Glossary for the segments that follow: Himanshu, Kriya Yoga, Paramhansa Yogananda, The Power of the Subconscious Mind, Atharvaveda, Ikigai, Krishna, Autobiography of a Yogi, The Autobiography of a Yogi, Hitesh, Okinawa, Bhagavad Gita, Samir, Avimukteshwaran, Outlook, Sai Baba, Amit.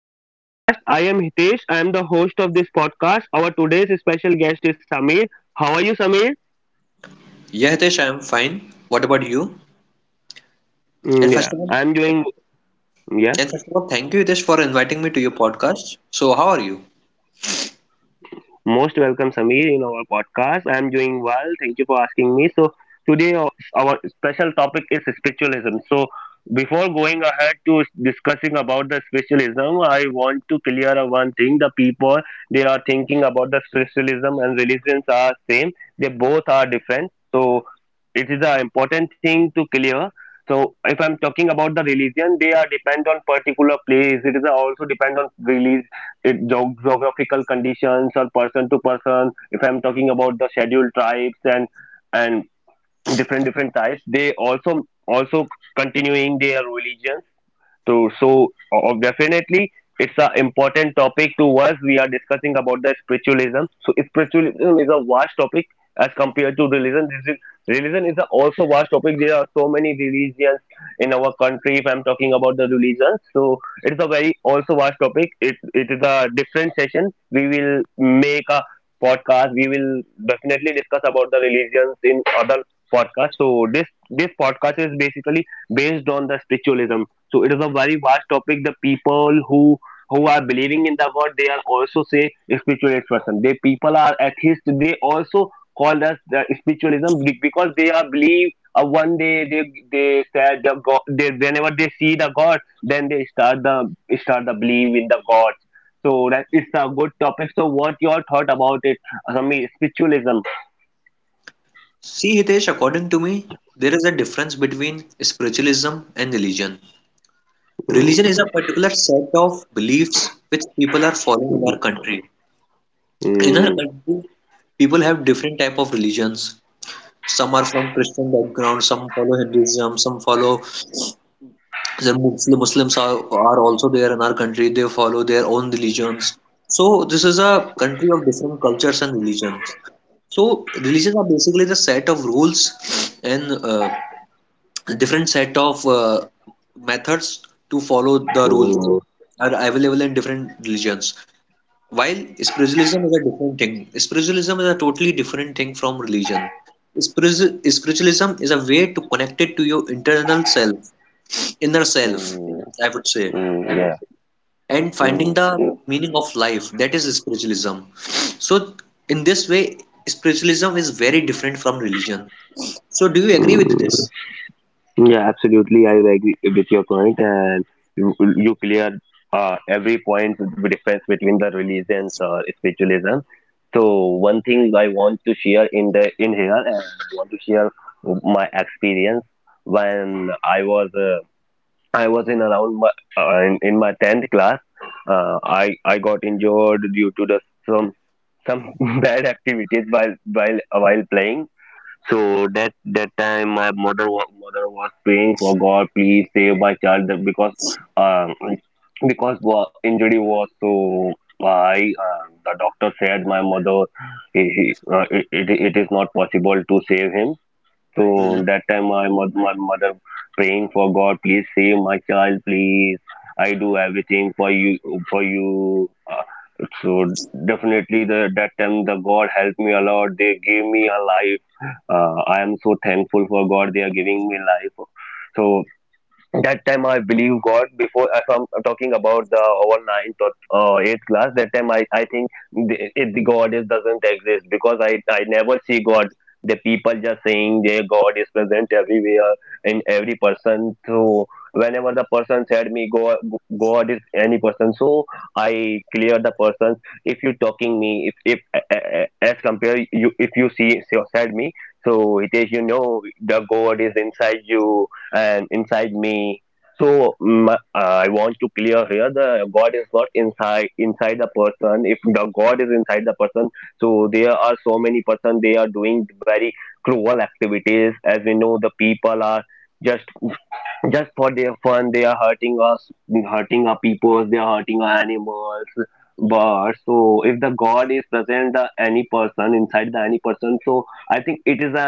to our podcast. I am Hitesh. I am the host of this podcast. Our today's special guest is Samir. How are you, Samir? Yeah, Hitesh, I'm fine. What about you? And Yeah, first of all, I am doing. Yeah. and first of all, thank you, Hitesh, for inviting me to your podcast. So, how are you? Most welcome, Sameer, in our podcast. I'm doing well. Thank you for asking me. So, today our special topic is spiritualism. So, before going ahead to discussing about the spiritualism, I want to clear up one thing. The people they are thinking about the spiritualism and religions are same. They both are different. So, it is an important thing to clear. So, if I'm talking about the religion, they are depend on particular place. It is also depend on religion it geographical conditions or person to person if I'm talking about the scheduled tribes and different different types they also continuing their religions so, so definitely it's an important topic to us. We are discussing about the spiritualism. So spiritualism is a vast topic as compared to religion. This is, religion is a also vast topic. There are so many religions in our country. If I'm talking about the religions, so it's a very also vast topic. It is a different session. We will make a podcast. We will definitely discuss about the religions in other podcasts. So this podcast is basically based on the spiritualism, so it is a very vast topic. The people who are believing in the God, they are also say spiritualist person. They people are atheists. They also call us the spiritualism because they are believe. One day they said the God. They, whenever they see the God, then they start the believe in the God. So that it's a good topic. So what your thought about it? Asami, spiritualism. See, Hitesh, according to me, there is a difference between spiritualism and religion. Religion is a particular set of beliefs which people are following in our country. In our country, people have different type of religions. Some are from Christian background, some follow Hinduism, some follow the Muslims are also there in our country. They follow their own religions. So this is a country of different cultures and religions. So religions are basically the set of rules and different set of methods to follow the rules Mm, are available in different religions. While spiritualism is a different thing. Spiritualism is a totally different thing from religion. Spiritualism is a way to connect it to your internal self, inner self, mm, I would say, mm, yeah. and finding the Mm, meaning of life. That is spiritualism. So in this way, spiritualism is very different from religion. So do you agree with mm. this? Yeah, absolutely. I agree with your point, and you cleared every point with the difference between the religions or spiritualism. So one thing I want to share in the in here, and I want to share my experience when I was in around my in my tenth class. I got injured due to the some some bad activities while while playing, so that time my mother mother was praying for God, please save my child um because injury was so high. The doctor said my mother, it is not possible to save him. So Hmm, that time my mother praying for God, please save my child, please. I do everything for you, for you. So definitely the, that time the God helped me a lot. They gave me a life. I am so thankful for God. They are giving me life. So that time I believe God before if I'm talking about the over ninth or eighth class that time I think the, it, the God is doesn't exist because I never see God, the people just saying their God is present everywhere in every person. So whenever the person said me God, God is any person, so I clear the person if you talking me if as compare you if you see said me, so it is you know the God is inside you and inside me. So I want to clear here: the God is not inside the person. If the God is inside the person, so there are so many person they are doing very cruel activities. As we know, the people are just just for their fun they are hurting us, hurting our people, they are hurting our animals. But so if the god is present the any person inside the any person, so I think it is a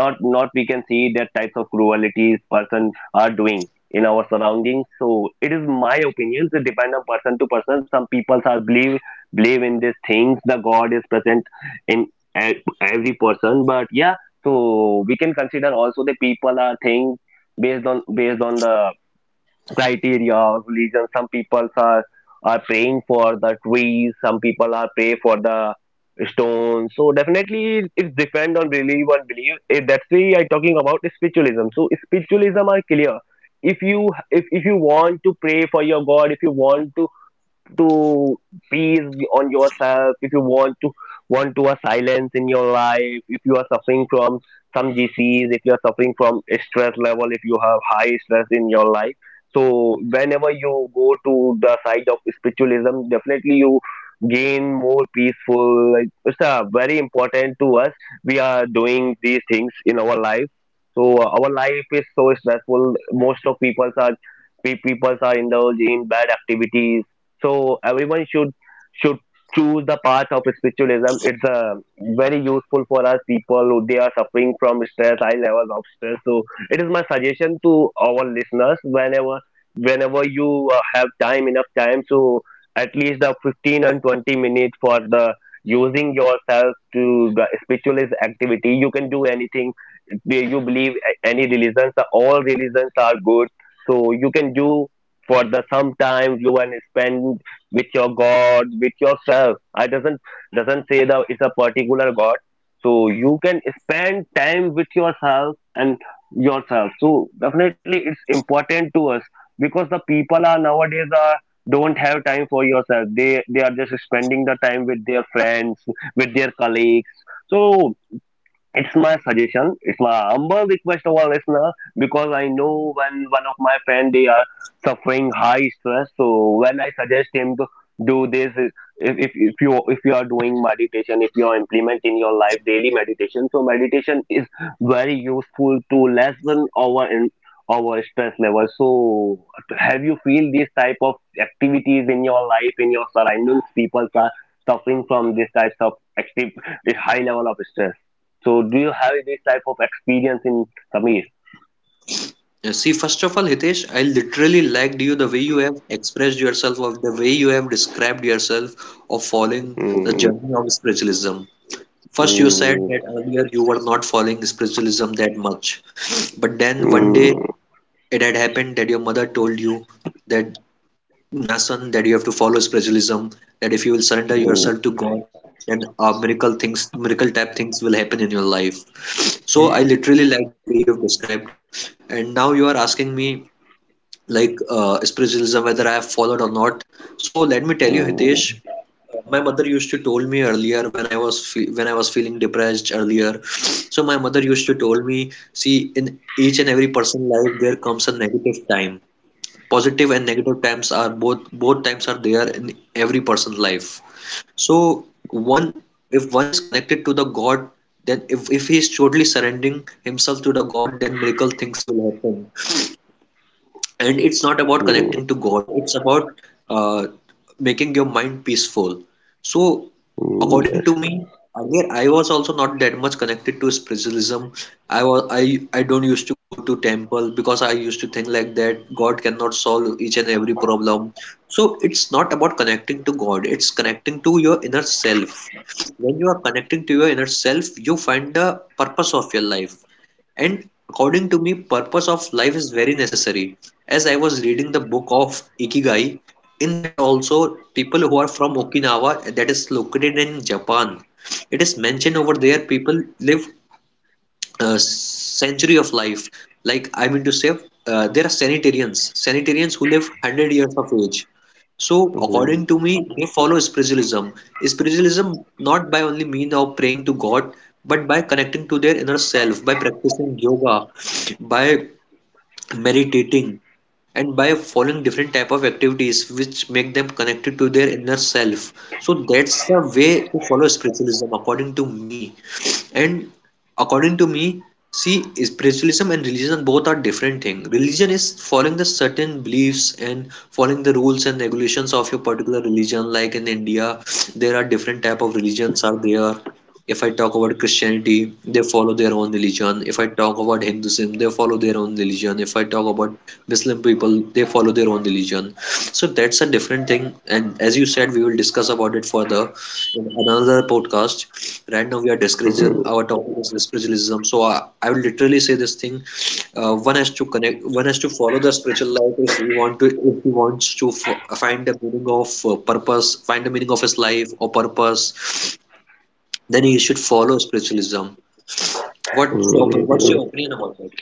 not we can see that types of cruelties person are doing in our surroundings. So it is my opinions. It depend on person to person. Some people are believe, believe in these things the god is present in every person but yeah, so we can consider also the people are thing based on based on the criteria of religion. Some people are praying for the trees, some people are pray for the stones. So definitely it's depend on belief and belief. If that's why I talking about spiritualism, so spiritualism are clear. If you if you want to pray for your god, if you want to peace on yourself, if you want to a silence in your life, if you are suffering from some disease, if you are suffering from stress level, if you have high stress in your life, so whenever you go to the side of spiritualism definitely you gain more peaceful. Like, it's very important to us, we are doing these things in our life. So our life is so stressful, most of people are indulged in bad activities. So everyone should choose the path of spiritualism. It's very useful for us people who they are suffering from stress, high levels of stress. So it is my suggestion to our listeners, whenever whenever you have time, enough time, so at least the 15 to 20 minutes for the using yourself to the spiritualist activity. You can do anything where you believe any religions, are all religions are good. So you can do for the some time you and spend with your god with yourself. I doesn't say that it's a particular god. So you can spend time with yourself and yourself. So definitely it's important to us because the people are nowadays are don't have time for yourself, they are just spending the time with their friends with their colleagues. So it's my suggestion. It's my humble request to our listener, because I know when one of my friend they are suffering high stress. So when I suggest him to do this, if you if you are doing meditation, if you are implementing your life daily meditation, so meditation is very useful to lessen our stress level. So have you feel these type of activities in your life in your surroundings? People are suffering from this types of active, high level of stress. So do you have this type of experience in Samir? yeah, see, first of all, Hitesh, I literally liked you, the way you have expressed yourself, of the way you have described yourself of following the Mm, journey of spiritualism. First you said that mm, earlier you were not following spiritualism that much, but then one day mm, it had happened that your mother told you that lesson that you have to follow is spiritualism, that if you will surrender yourself mm, to God, then miracle type things will happen in your life. So I literally like the way you have described. And now you are asking me, like, spiritualism, whether I have followed or not. So let me tell you, Hitesh, mm, my mother used to told me earlier when I was feeling depressed earlier, so my mother used to told me, see, in each and every person life, there comes a negative time. Positive and negative times are both times are there in every person's life. So one, if one is connected to the God, then if he is totally surrendering himself to the God, then miracle things will happen. And it's not about mm, connecting to God, it's about uh, making your mind peaceful. So, mm, yes. according to me, earlier I was also not that much connected to spiritualism. I was I don't used to go to temple because I used to think like that God cannot solve each and every problem. So it's not about connecting to God, it's connecting to your inner self. When you are connecting to your inner self, you find the purpose of your life. And according to me, purpose of life is very necessary. As I was reading the book of Ikigai, in that also people who are from Okinawa, that is located in Japan, it is mentioned over there people live century of life. Like, I mean to say, there are sanitarians who live 100 years of age. So according Mm, to me, they follow spiritualism. Spiritualism not by only mean of praying to God, but by connecting to their inner self, by practicing yoga, by meditating, and by following different type of activities which make them connected to their inner self. So that's the way to follow spiritualism, according to me. And according to me, see, spiritualism and religion both are different thing. Religion is following the certain beliefs and following the rules and regulations of your particular religion. Like in India, there are different type of religions are there. If I talk about Christianity, they follow their own religion. If I talk about Hinduism, they follow their own religion. If I talk about Muslim people, they follow their own religion. So that's a different thing. And as you said, we will discuss about it further in another podcast. Right now, we are discussing mm, our topic is spiritualism. So I will literally say this thing: one has to connect, one has to follow the spiritual life if we want to, if he wants to find the meaning of purpose, find the meaning of his life or purpose, then he should follow spiritualism. What's your, what's mm, your opinion about it?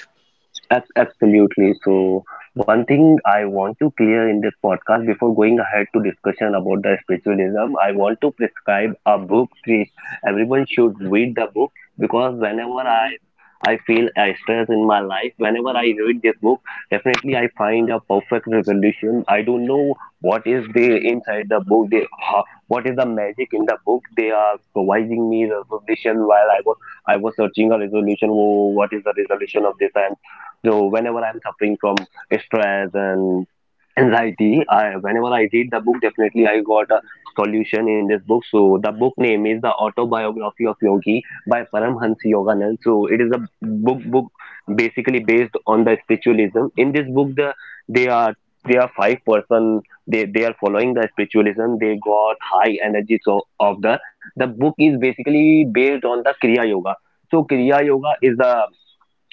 Absolutely. So, one thing I want to clear in this podcast, before going ahead to discussion about the spiritualism, I want to prescribe a book, which everyone should read the book. Because whenever I feel a stress in my life, whenever I read this book, definitely I find a perfect resolution. I don't know what is the inside the book, what is the magic in the book. They are providing me resolution while I was searching a resolution. Oh, what is the resolution of this? So whenever I'm suffering from stress and anxiety, I whenever I read the book, definitely I got a solution in this book. So the book name is The Autobiography of Yogi by Paramhansa Yoganand. So it is a book basically based on the spiritualism. In this book, the they are they are five person they are following the spiritualism they got high energy. So of the book is basically based on the kriya yoga. So kriya yoga is the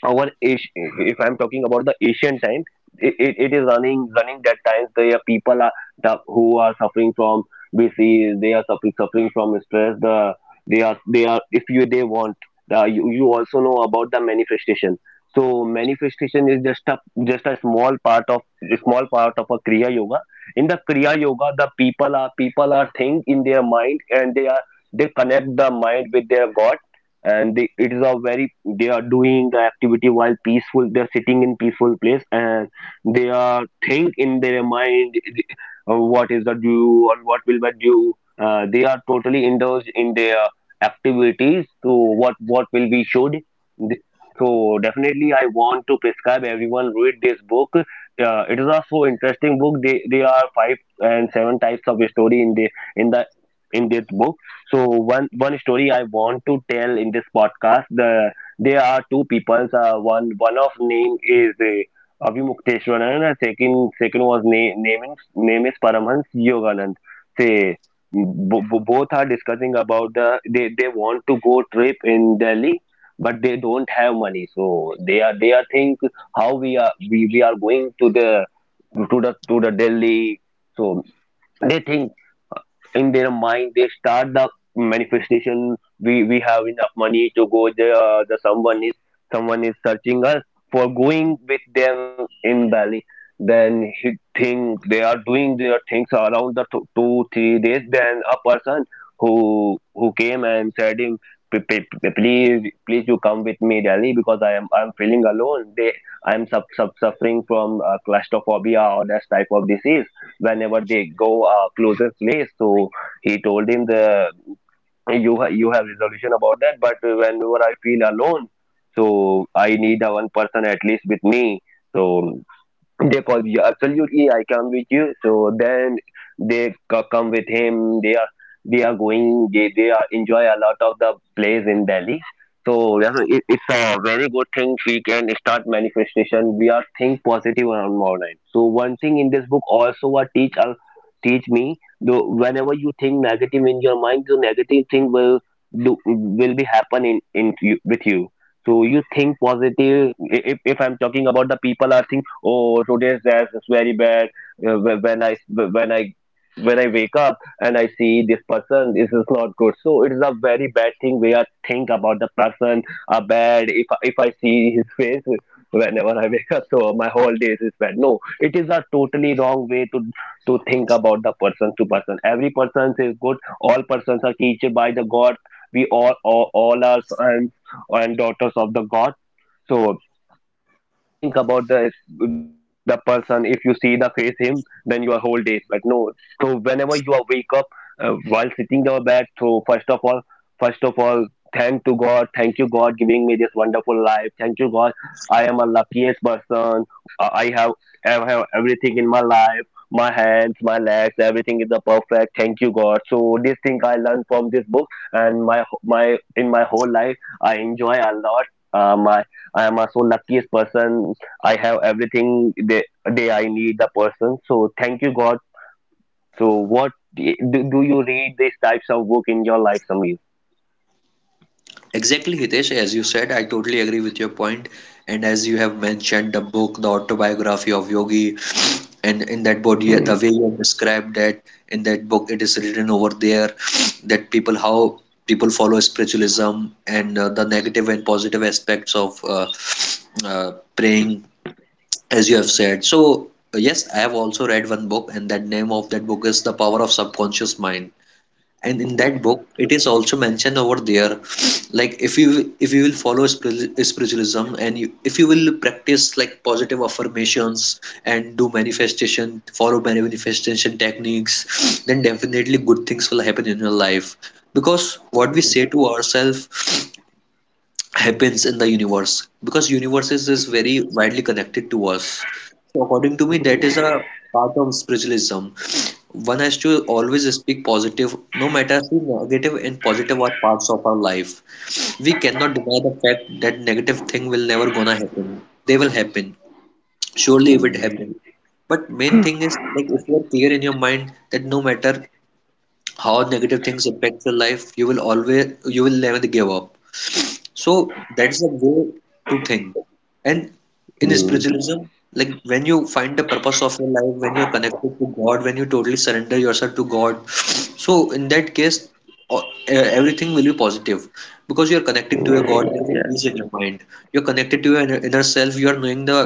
our if I'm talking about the Asian time, it is running that times the people are the, who are suffering from BC, they are suffering from stress. The they are if you they want the, you also know about the manifestation. So manifestation is just a small part of a Kriya Yoga. In the Kriya Yoga, the people are think in their mind and they are they connect the mind with their God, and they, it is a very they are doing the activity while peaceful, they are sitting in peaceful place and they are think in their mind what is the due or what will be due. They are totally indulged in their activities, so what will be should. Th- so definitely I want to prescribe everyone read this book. It is a so interesting book, they are five and seven types of story in the in the in this book. So one one story I want to tell in this podcast. The there are two peoples. One one of name is Avimukteshwaran, and second second was name name is Paramhans Yoganand. They both are discussing about the they want to go trip in Delhi, but they don't have money. So they are think how we are going to the to the Delhi. So they think in their mind they start the manifestation. We have enough money to go there. The someone is searching us for going with them in bali. Then he think they are doing their things around the two, two three days, then a person who came and said him, "P- p- p- please Please you come with me Delhi because I'm feeling alone. They I'm sub sub suffering from claustrophobia or that type of disease whenever they go closest place." So he told him the, "You you have resolution about that, but whenever I feel alone, so I need a one person at least with me." So they call you, "Absolutely. I come with you." So then they come with him. They are going. They are enjoy a lot of the place in Delhi. So it's a very good thing. We can start manifestation. We are think positive around online. So one thing in this book also what teach teach me. Though whenever you think negative in your mind, the negative thing will do, will be happen in you, with you. So you think positive. If I'm talking about the people are think, "Oh, today's as is very bad. uh, wh- when i when i when I wake up and I see this person, this is not good." So it is a very bad thing we are think about the person are bad. If I see his face whenever I wake up, so my whole day is bad. No, it is a totally wrong way to think about the person, to person. Every person is good. All persons are created by the god. We all are and daughters of the gods. So don't think about the person. If you see the face him, then your whole day is bad. No. So whenever you are wake up, while sitting your bed, so first of all thank to god. "Thank you god, giving me this wonderful life. Thank you god, I am a luckiest person. I I have I have everything in my life. My hands, my legs, everything is the perfect. Thank you god." So this thing I learned from this book. And my in my whole life, I enjoy a lot. My. I am a so luckiest person. I have everything. They I need the person. So thank you God. So what do, do you read these types of book in your life, Samir? Exactly, Hitesh. As you said, I totally agree with your point. And as you have mentioned, the book, The Autobiography of Yogi, and in that body, the way you have described that in that book, it is written over there that people how people follow spiritualism and the negative and positive aspects of praying, as you have said. So yes, I have also read one book, and that name of that book is The Power of Subconscious Mind, and in that book it is also mentioned over there, like, if you will follow spiritualism and you, if you will practice, like, positive affirmations and do manifestation follow manifestation techniques, then definitely good things will happen in your life, because what we say to ourselves happens in the universe, because universe is very widely connected to us. So according to me, that is a part of spiritualism. One has to always speak positive, no matter how negative and positive are parts of our life. We cannot deny the fact that negative thing will never gonna happen. They will happen. Surely it will happen. Mm, But main thing is, like, if you are clear in your mind that no matter how negative things impact your life, you will never give up. So that's the way to think. And in mm, spiritualism, like when you find the purpose of your life, when you're connected to God, when you totally surrender yourself to God, so in that case, o- e- everything will be positive because you're connecting to your God, there's a yeah. peace in your mind. You're connected to your inner self, you are knowing the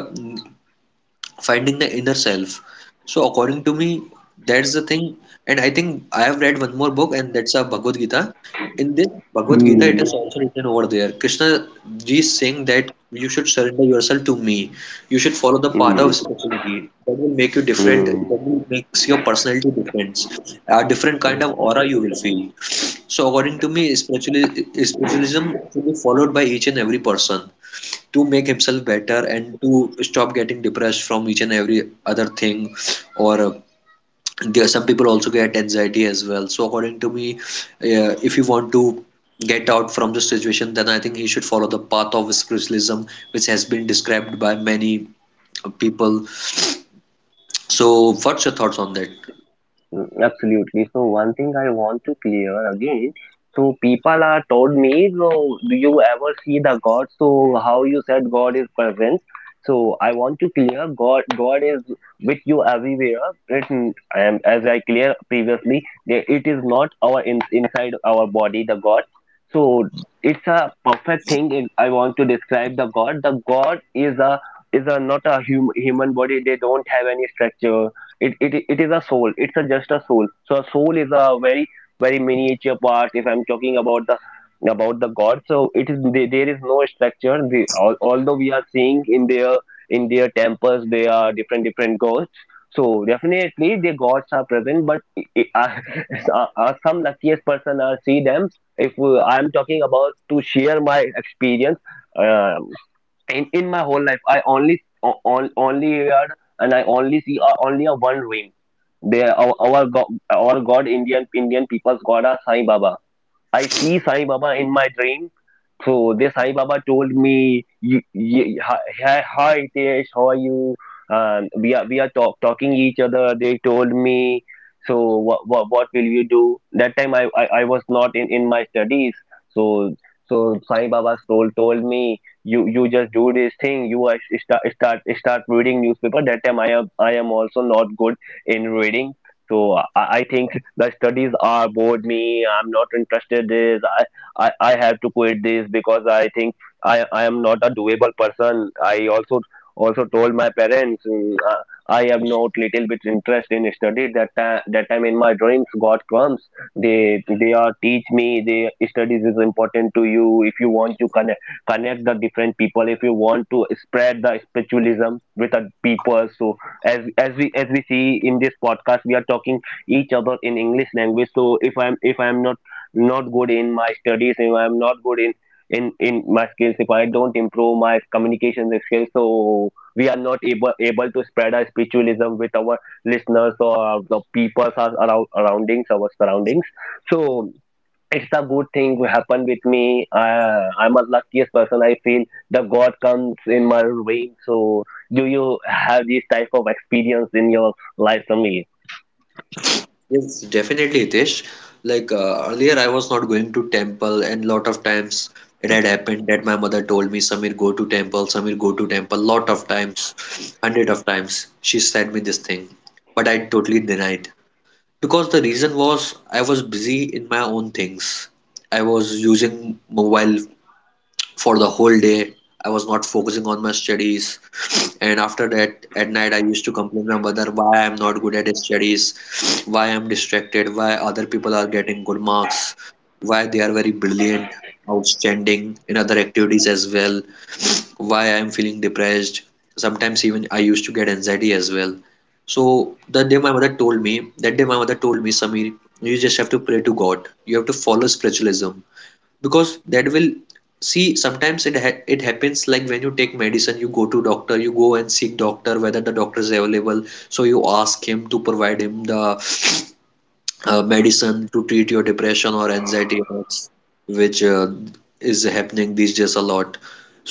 finding the inner self. So according to me, that's the thing. And I think I have read one more book, and that's a Bhagavad Gita. In this Bhagavad Gita, it is Mm, also written over there. Krishna ji is saying that you should surrender yourself to me. You should follow the path of mm, spirituality. That will make you different. mm. That will makes your personality different. A different kind of aura you will feel. So according to me, spiritualism should be followed by each and every person to make himself better and to stop getting depressed from each and every other thing, or there some people also get anxiety as well. So according to me, if you want to get out from the situation, then I think he should follow the path of spiritualism which has been described by many people. So what's your thoughts on that? Mm, absolutely. So one thing I want to clear again. So people are told me, "So do you ever see the God? So how you said God is present?" So I want to clear God. God is with you everywhere. It, and as I clear previously, that it is not our inside our body the God. So it's a perfect thing. I want to describe the God. The God is a not a human body. They don't have any structure. It it is a soul. It's a just a soul. So a soul is a very very miniature part if I'm talking about the god. So it is there. There is no structure. Although we are seeing in their temples, they are different different gods. So definitely the gods are present, but are, are some luckiest person are see them. If I'm talking about to share my experience, uh, in my whole life I only only heard and I only see only a one ring. They our god, our god, Indian Indian people's god are Sai Baba. I see Sai Baba in my dream. So this Sai Baba told me, Hi, hi, hi, Hitesh, how are you? We are talking each other." They told me, "So what will you do?" That time I was not in my studies. So so Sai Baba's soul told me, You just do this thing. You are, start reading newspaper." That time I am also not good in reading. So I think the studies are bored me. I'm not interested this. I have to quit this because I think I am not a doable person. I also also told my parents I have not little bit interest in study. That time in my dreams, God comes. They are teach me. They studies is important to you if you want to connect the different people. If you want to spread the spiritualism with the people. So as we see in this podcast, we are talking each other in English language. So if I'm not not good in my studies, if I'm not good in in my skills, if I don't improve my communication skills, so we are not able to spread our spiritualism with our listeners or the people are around surroundings, our surroundings. So it's a good thing happened with me. I'm a luckiest person. I feel the God comes in my way. So, do you have this type of experience in your life, Samir? Yes, definitely, Hitesh. Like, earlier, I was not going to temple, and lot of times it had happened that my mother told me, "Samir, go to temple. Samir, go to temple." Lot of times, 100 of times, she said me this thing, but I totally denied, because the reason was I was busy in my own things. I was using mobile for the whole day. I was not focusing on my studies. And after that, at night, I used to complain my mother why I'm not good at studies, why I'm distracted, why other people are getting good marks, why they are very brilliant, outstanding in other activities as well, why I'm feeling depressed. Sometimes even I used to get anxiety as well. So the day my mother told me, that day my mother told me, Samir, you just have to pray to God. You have to follow spiritualism because that will see, sometimes it happens like when you take medicine, you go to doctor, you go and seek doctor whether the doctor is available, so you ask him to provide him the medicine to treat your depression or anxiety, which is happening these days a lot.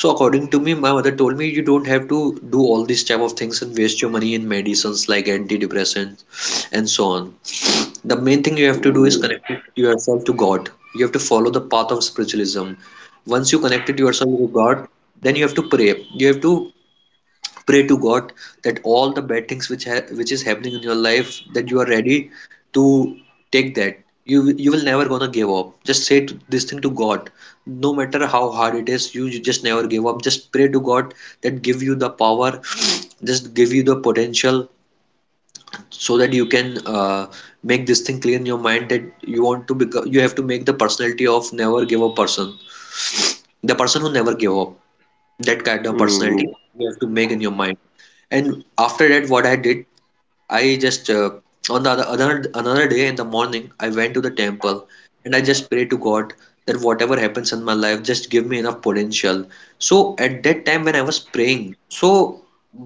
So according to me, my mother told me, you don't have to do all these type of things and waste your money in medicines like antidepressants and so on. The main thing you have to do is connect yourself to God. You have to follow the path of spiritualism. Once you connected yourself to God, then you have to pray. You have to pray to God that all the bad things which is happening in your life, that you are ready to take that. You will never gonna give up. Just say to, this thing to God. No matter how hard it is, you just never give up. Just pray to God that give you the power, just give you the potential so that you can make this thing clear in your mind that you have to make the personality of never give up person, the person who never gave up, that kind of Mm. personality you have to make in your mind. And after that, what I did, I just on the other another another day in the morning, I went to the temple and I just prayed to God that whatever happens in my life, just give me enough potential. So at that time when I was praying, so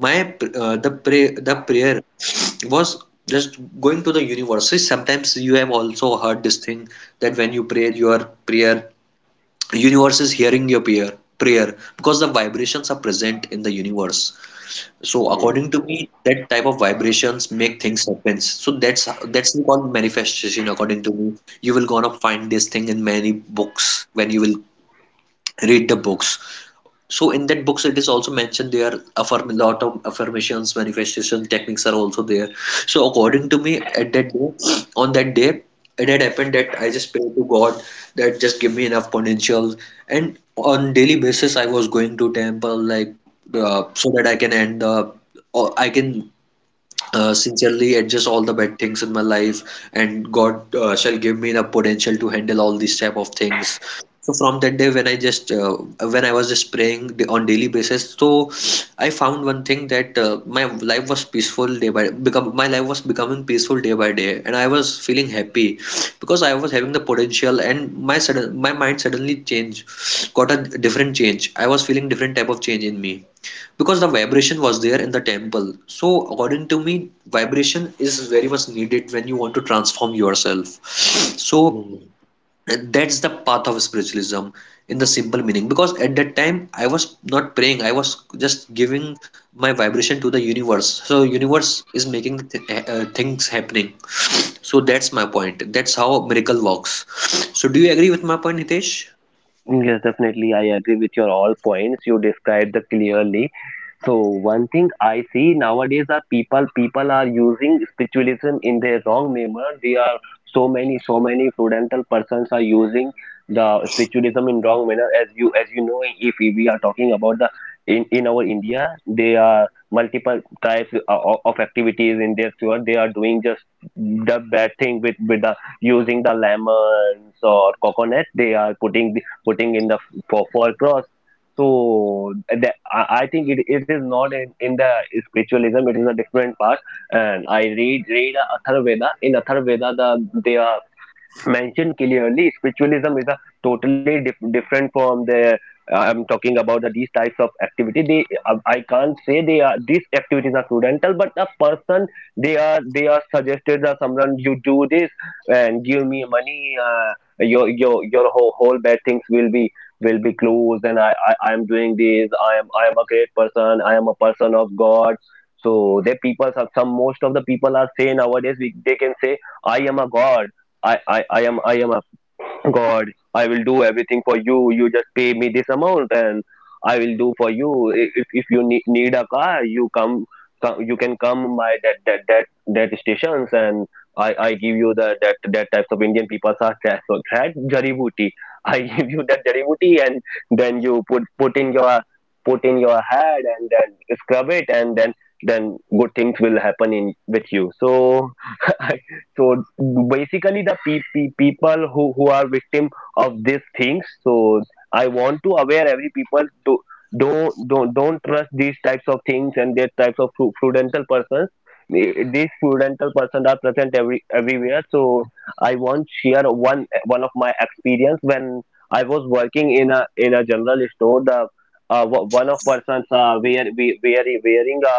my pr- the pray the prayer was just going to the universe. See, sometimes you have also heard this thing that when you pray your prayer, universe is hearing your prayer because the vibrations are present in the universe. So according to me, that type of vibrations make things happen. So that's called manifestation. According to me, you will gonna find this thing in many books when you will read the books. So in that books it is also mentioned there, a lot of affirmations, manifestation techniques are also there. So according to me, at that day, on that day it had happened that I just prayed to God that just give me enough potential. And on daily basis I was going to temple, like, the so that I can end the, or I can sincerely adjust all the bad things in my life, and God shall give me the potential to handle all these type of things. So from that day, when I just when I was just praying on daily basis, so I found one thing, that my life was becoming peaceful day by day, and I was feeling happy, because I was having the potential, and my mind suddenly changed, got a different change. I was feeling different type of change in me, because the vibration was there in the temple. So, according to me, vibration is very much needed when you want to transform yourself. So, that's the path of spiritualism in the simple meaning. Because at that time, I was not praying, I was just giving my vibration to the universe. So, universe is making things happening. So, that's my point. That's how miracle works. So, do you agree with my point, Hitesh? Yes, definitely. I agree with your all points. You described the clearly. So one thing I see nowadays are people, people are using spiritualism in their wrong manner. They are so many prudential persons are using the spiritualism in wrong manner. As you, as you know, if we are talking about the, in our India, there are multiple types of activities in their tour. They are doing just the bad thing with the using the lemons or coconut. They are putting in the for cross. So that, I think it, it is not in the spiritualism. It is a different part. And I read Atharvaveda. In Atharvaveda, the they are mentioned clearly spiritualism is a totally different from the I'm talking about the, these types of activity. They I can't say they are these activities are prudential, but a person, they are suggested that, "Someone you do this and give me money. Your whole, whole bad things will be closed. And I am doing this. I am a great person. I am a person of god." So the people, some most of the people are saying nowadays we, they can say, "I am a god. I am a God. I will do everything for you. You just pay me this amount and I will do for you. If you need, need a car, you come, come, you can come by that stations, and I give you the that that types of Indian people are trash so that jari booty. I give you that jari booty, and then you put in your head, and then scrub it, and then good things will happen in with you." So so basically, the people who are victim of these things. So I want to aware every people to don't trust these types of things and these types of prudential persons. Eh, these prudential persons are present every everywhere. So I want share one one of my experience when I was working in a general store. The one of persons wear, we, wearing wearing a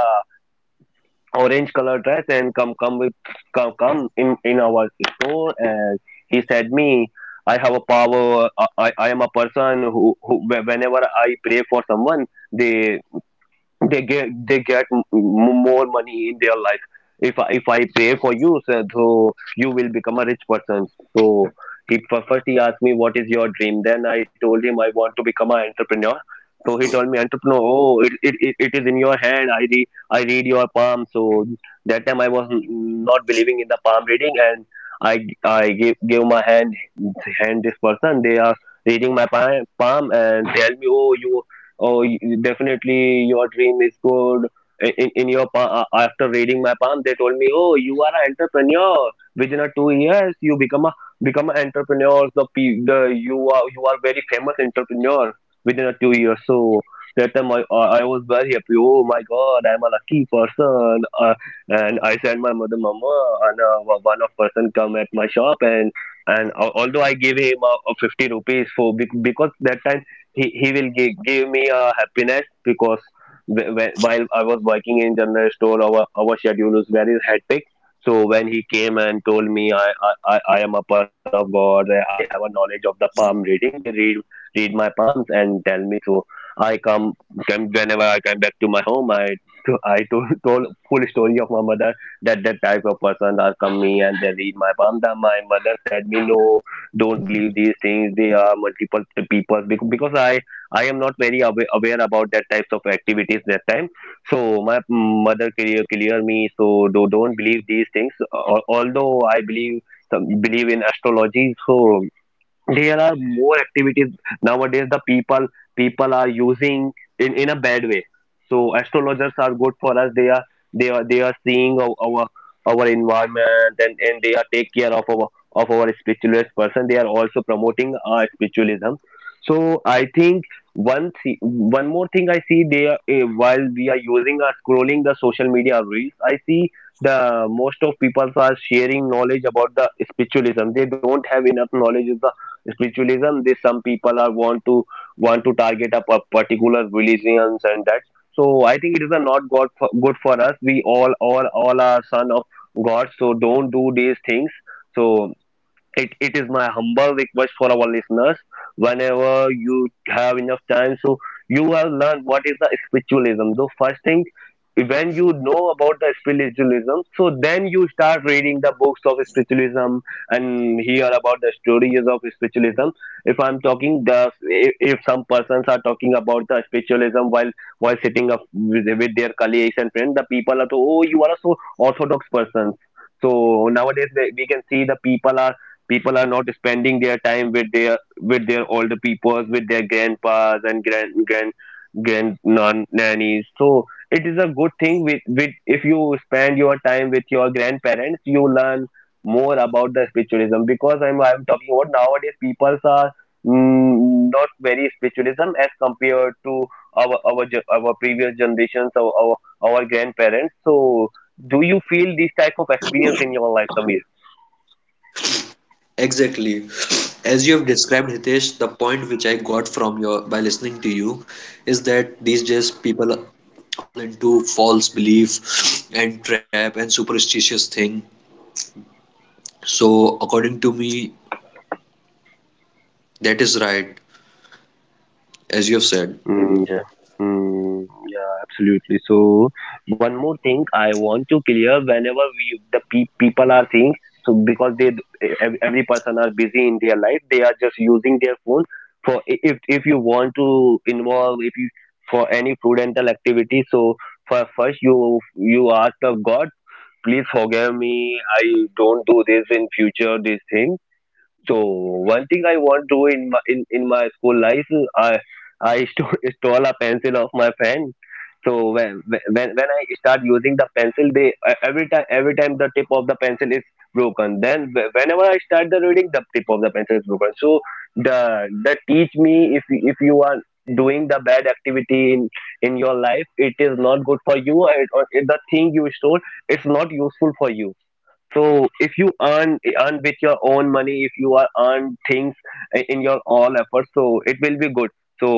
orange color dress and come come with come come in our store, and he said me, I have a power. I I am a person who whenever I pray for someone, they they get more money in their life. If I pay for you sir, so you will become a rich person. So first he asked me, what is your dream? Then I told him, I want to become an entrepreneur. So he told me, entrepreneur? Oh, it is in your hand. I read your palm. So that time I was not believing in the palm reading, and i I gave my hand. This person, they are reading my palm and tell me, oh, definitely your dream is good. In your after reading my palm, they told me, oh, you are an entrepreneur. Within a 2 years you become an entrepreneur. The, pe- the You are very famous entrepreneur within a 2 years. So that time I was very happy. Oh my god, I'm a lucky person. And I said my mother, mama. And one of person come at my shop, and although I gave him 50 rupees for because that time he will give me a happiness, because while I was working in general store, our schedule was very hectic. So when he came and told me, I am a person of God, I have a knowledge of the palm reading. They read my palms and tell me. So I come, come whenever I come back to my home, I told full story of my mother, that that type of person are coming and they read my palm. That my mother said me, no, don't believe these things. They are multiple people, because I am not very aware about that types of activities that time. So my mother clear me. So don't believe these things. Although I believe believe in astrology, so there are more activities nowadays. The people are using in a bad way. So astrologers are good for us. They are seeing our environment, and they are take care of our spiritualist person. They are also promoting spiritualism. So I think one more thing I see, they are, while we are using scrolling the social media reels, I see the most of people are sharing knowledge about the spiritualism. They don't have enough knowledge spiritualism. They some people are want to target a particular religions. And that so I think it is a not god for, good for us. We all all are son of god, so don't do these things. So it is my humble request for our listeners, whenever you have enough time, so you have learned what is the spiritualism. The first thing, when you know about the spiritualism, so then you start reading the books of spiritualism and hear about the stories of spiritualism. If I'm talking the, if some persons are talking about the spiritualism, while sitting up with their colleagues and friends, the people are to, oh, you are a so orthodox person. So nowadays we can see the people are not spending their time with their older peoples, with their grandpas and grand non nannies. So it is a good thing. With If you spend your time with your grandparents, you learn more about the spiritualism. Because I'm talking about nowadays people are not very spiritualism as compared to our previous generations, our grandparents. So do you feel this type of experience in your life, Samir? Exactly. As you have described, Hitesh, the point which I got from your by listening to you is that Yeah. Yeah, absolutely. So one more thing I want to clear, whenever we the people are seeing, so because they every person are busy in their life. They are just using their phone for, if you want to involve, if you for any prudential activity, so for first you ask the God, please forgive me. I don't do this in future, this thing. So one thing I want to do in my in my school life, I I stole, stole a pencil of my friend. So when when I start using the pencil, they every time the tip of the pencil is broken. Then whenever I start the reading, the tip of the pencil is broken. So the teach me, if you are doing the bad activity in your life, it is not good for you. It, or the thing you stole, it's not useful for you. So if you earn with your own money, if you are earn things in your all efforts, so it will be good. So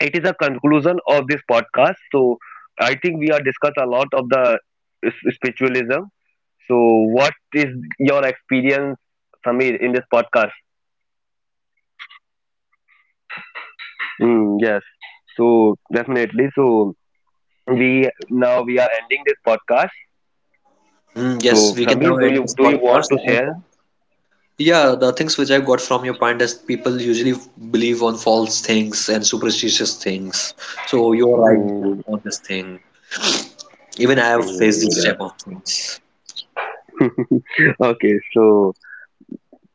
it is a conclusion of this podcast. So I think we are discussed a lot of the spiritualism. So what is your experience, Samir, in this podcast? Yes. So definitely. So we now we are ending this podcast. mm, yes, So we can now Samir, do end you this do you want podcast. to I, share? yeah, the things which I got from your point is people usually believe on false things and superstitious things. So you're right Mm, on this thing. Even I have faced this yeah. type of things. Okay. So.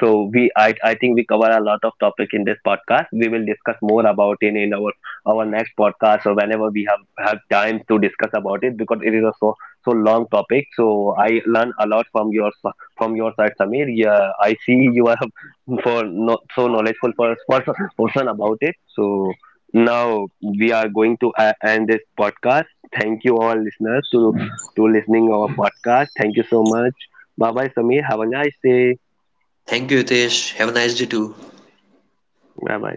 So I think we cover a lot of topic in this podcast. We will discuss more about it in our next podcast, or whenever we have time to discuss about it, because it is a so so long topic. So I learn a lot from your from your side, Samir. Yeah, I see you are for not so knowledgeable person about it. So now we are going to end this podcast. Thank you all listeners to listening our podcast. Thank you so much. Bye bye, Samir. Have a nice day. Thank you, Hitesh. Have a nice day too. Bye bye.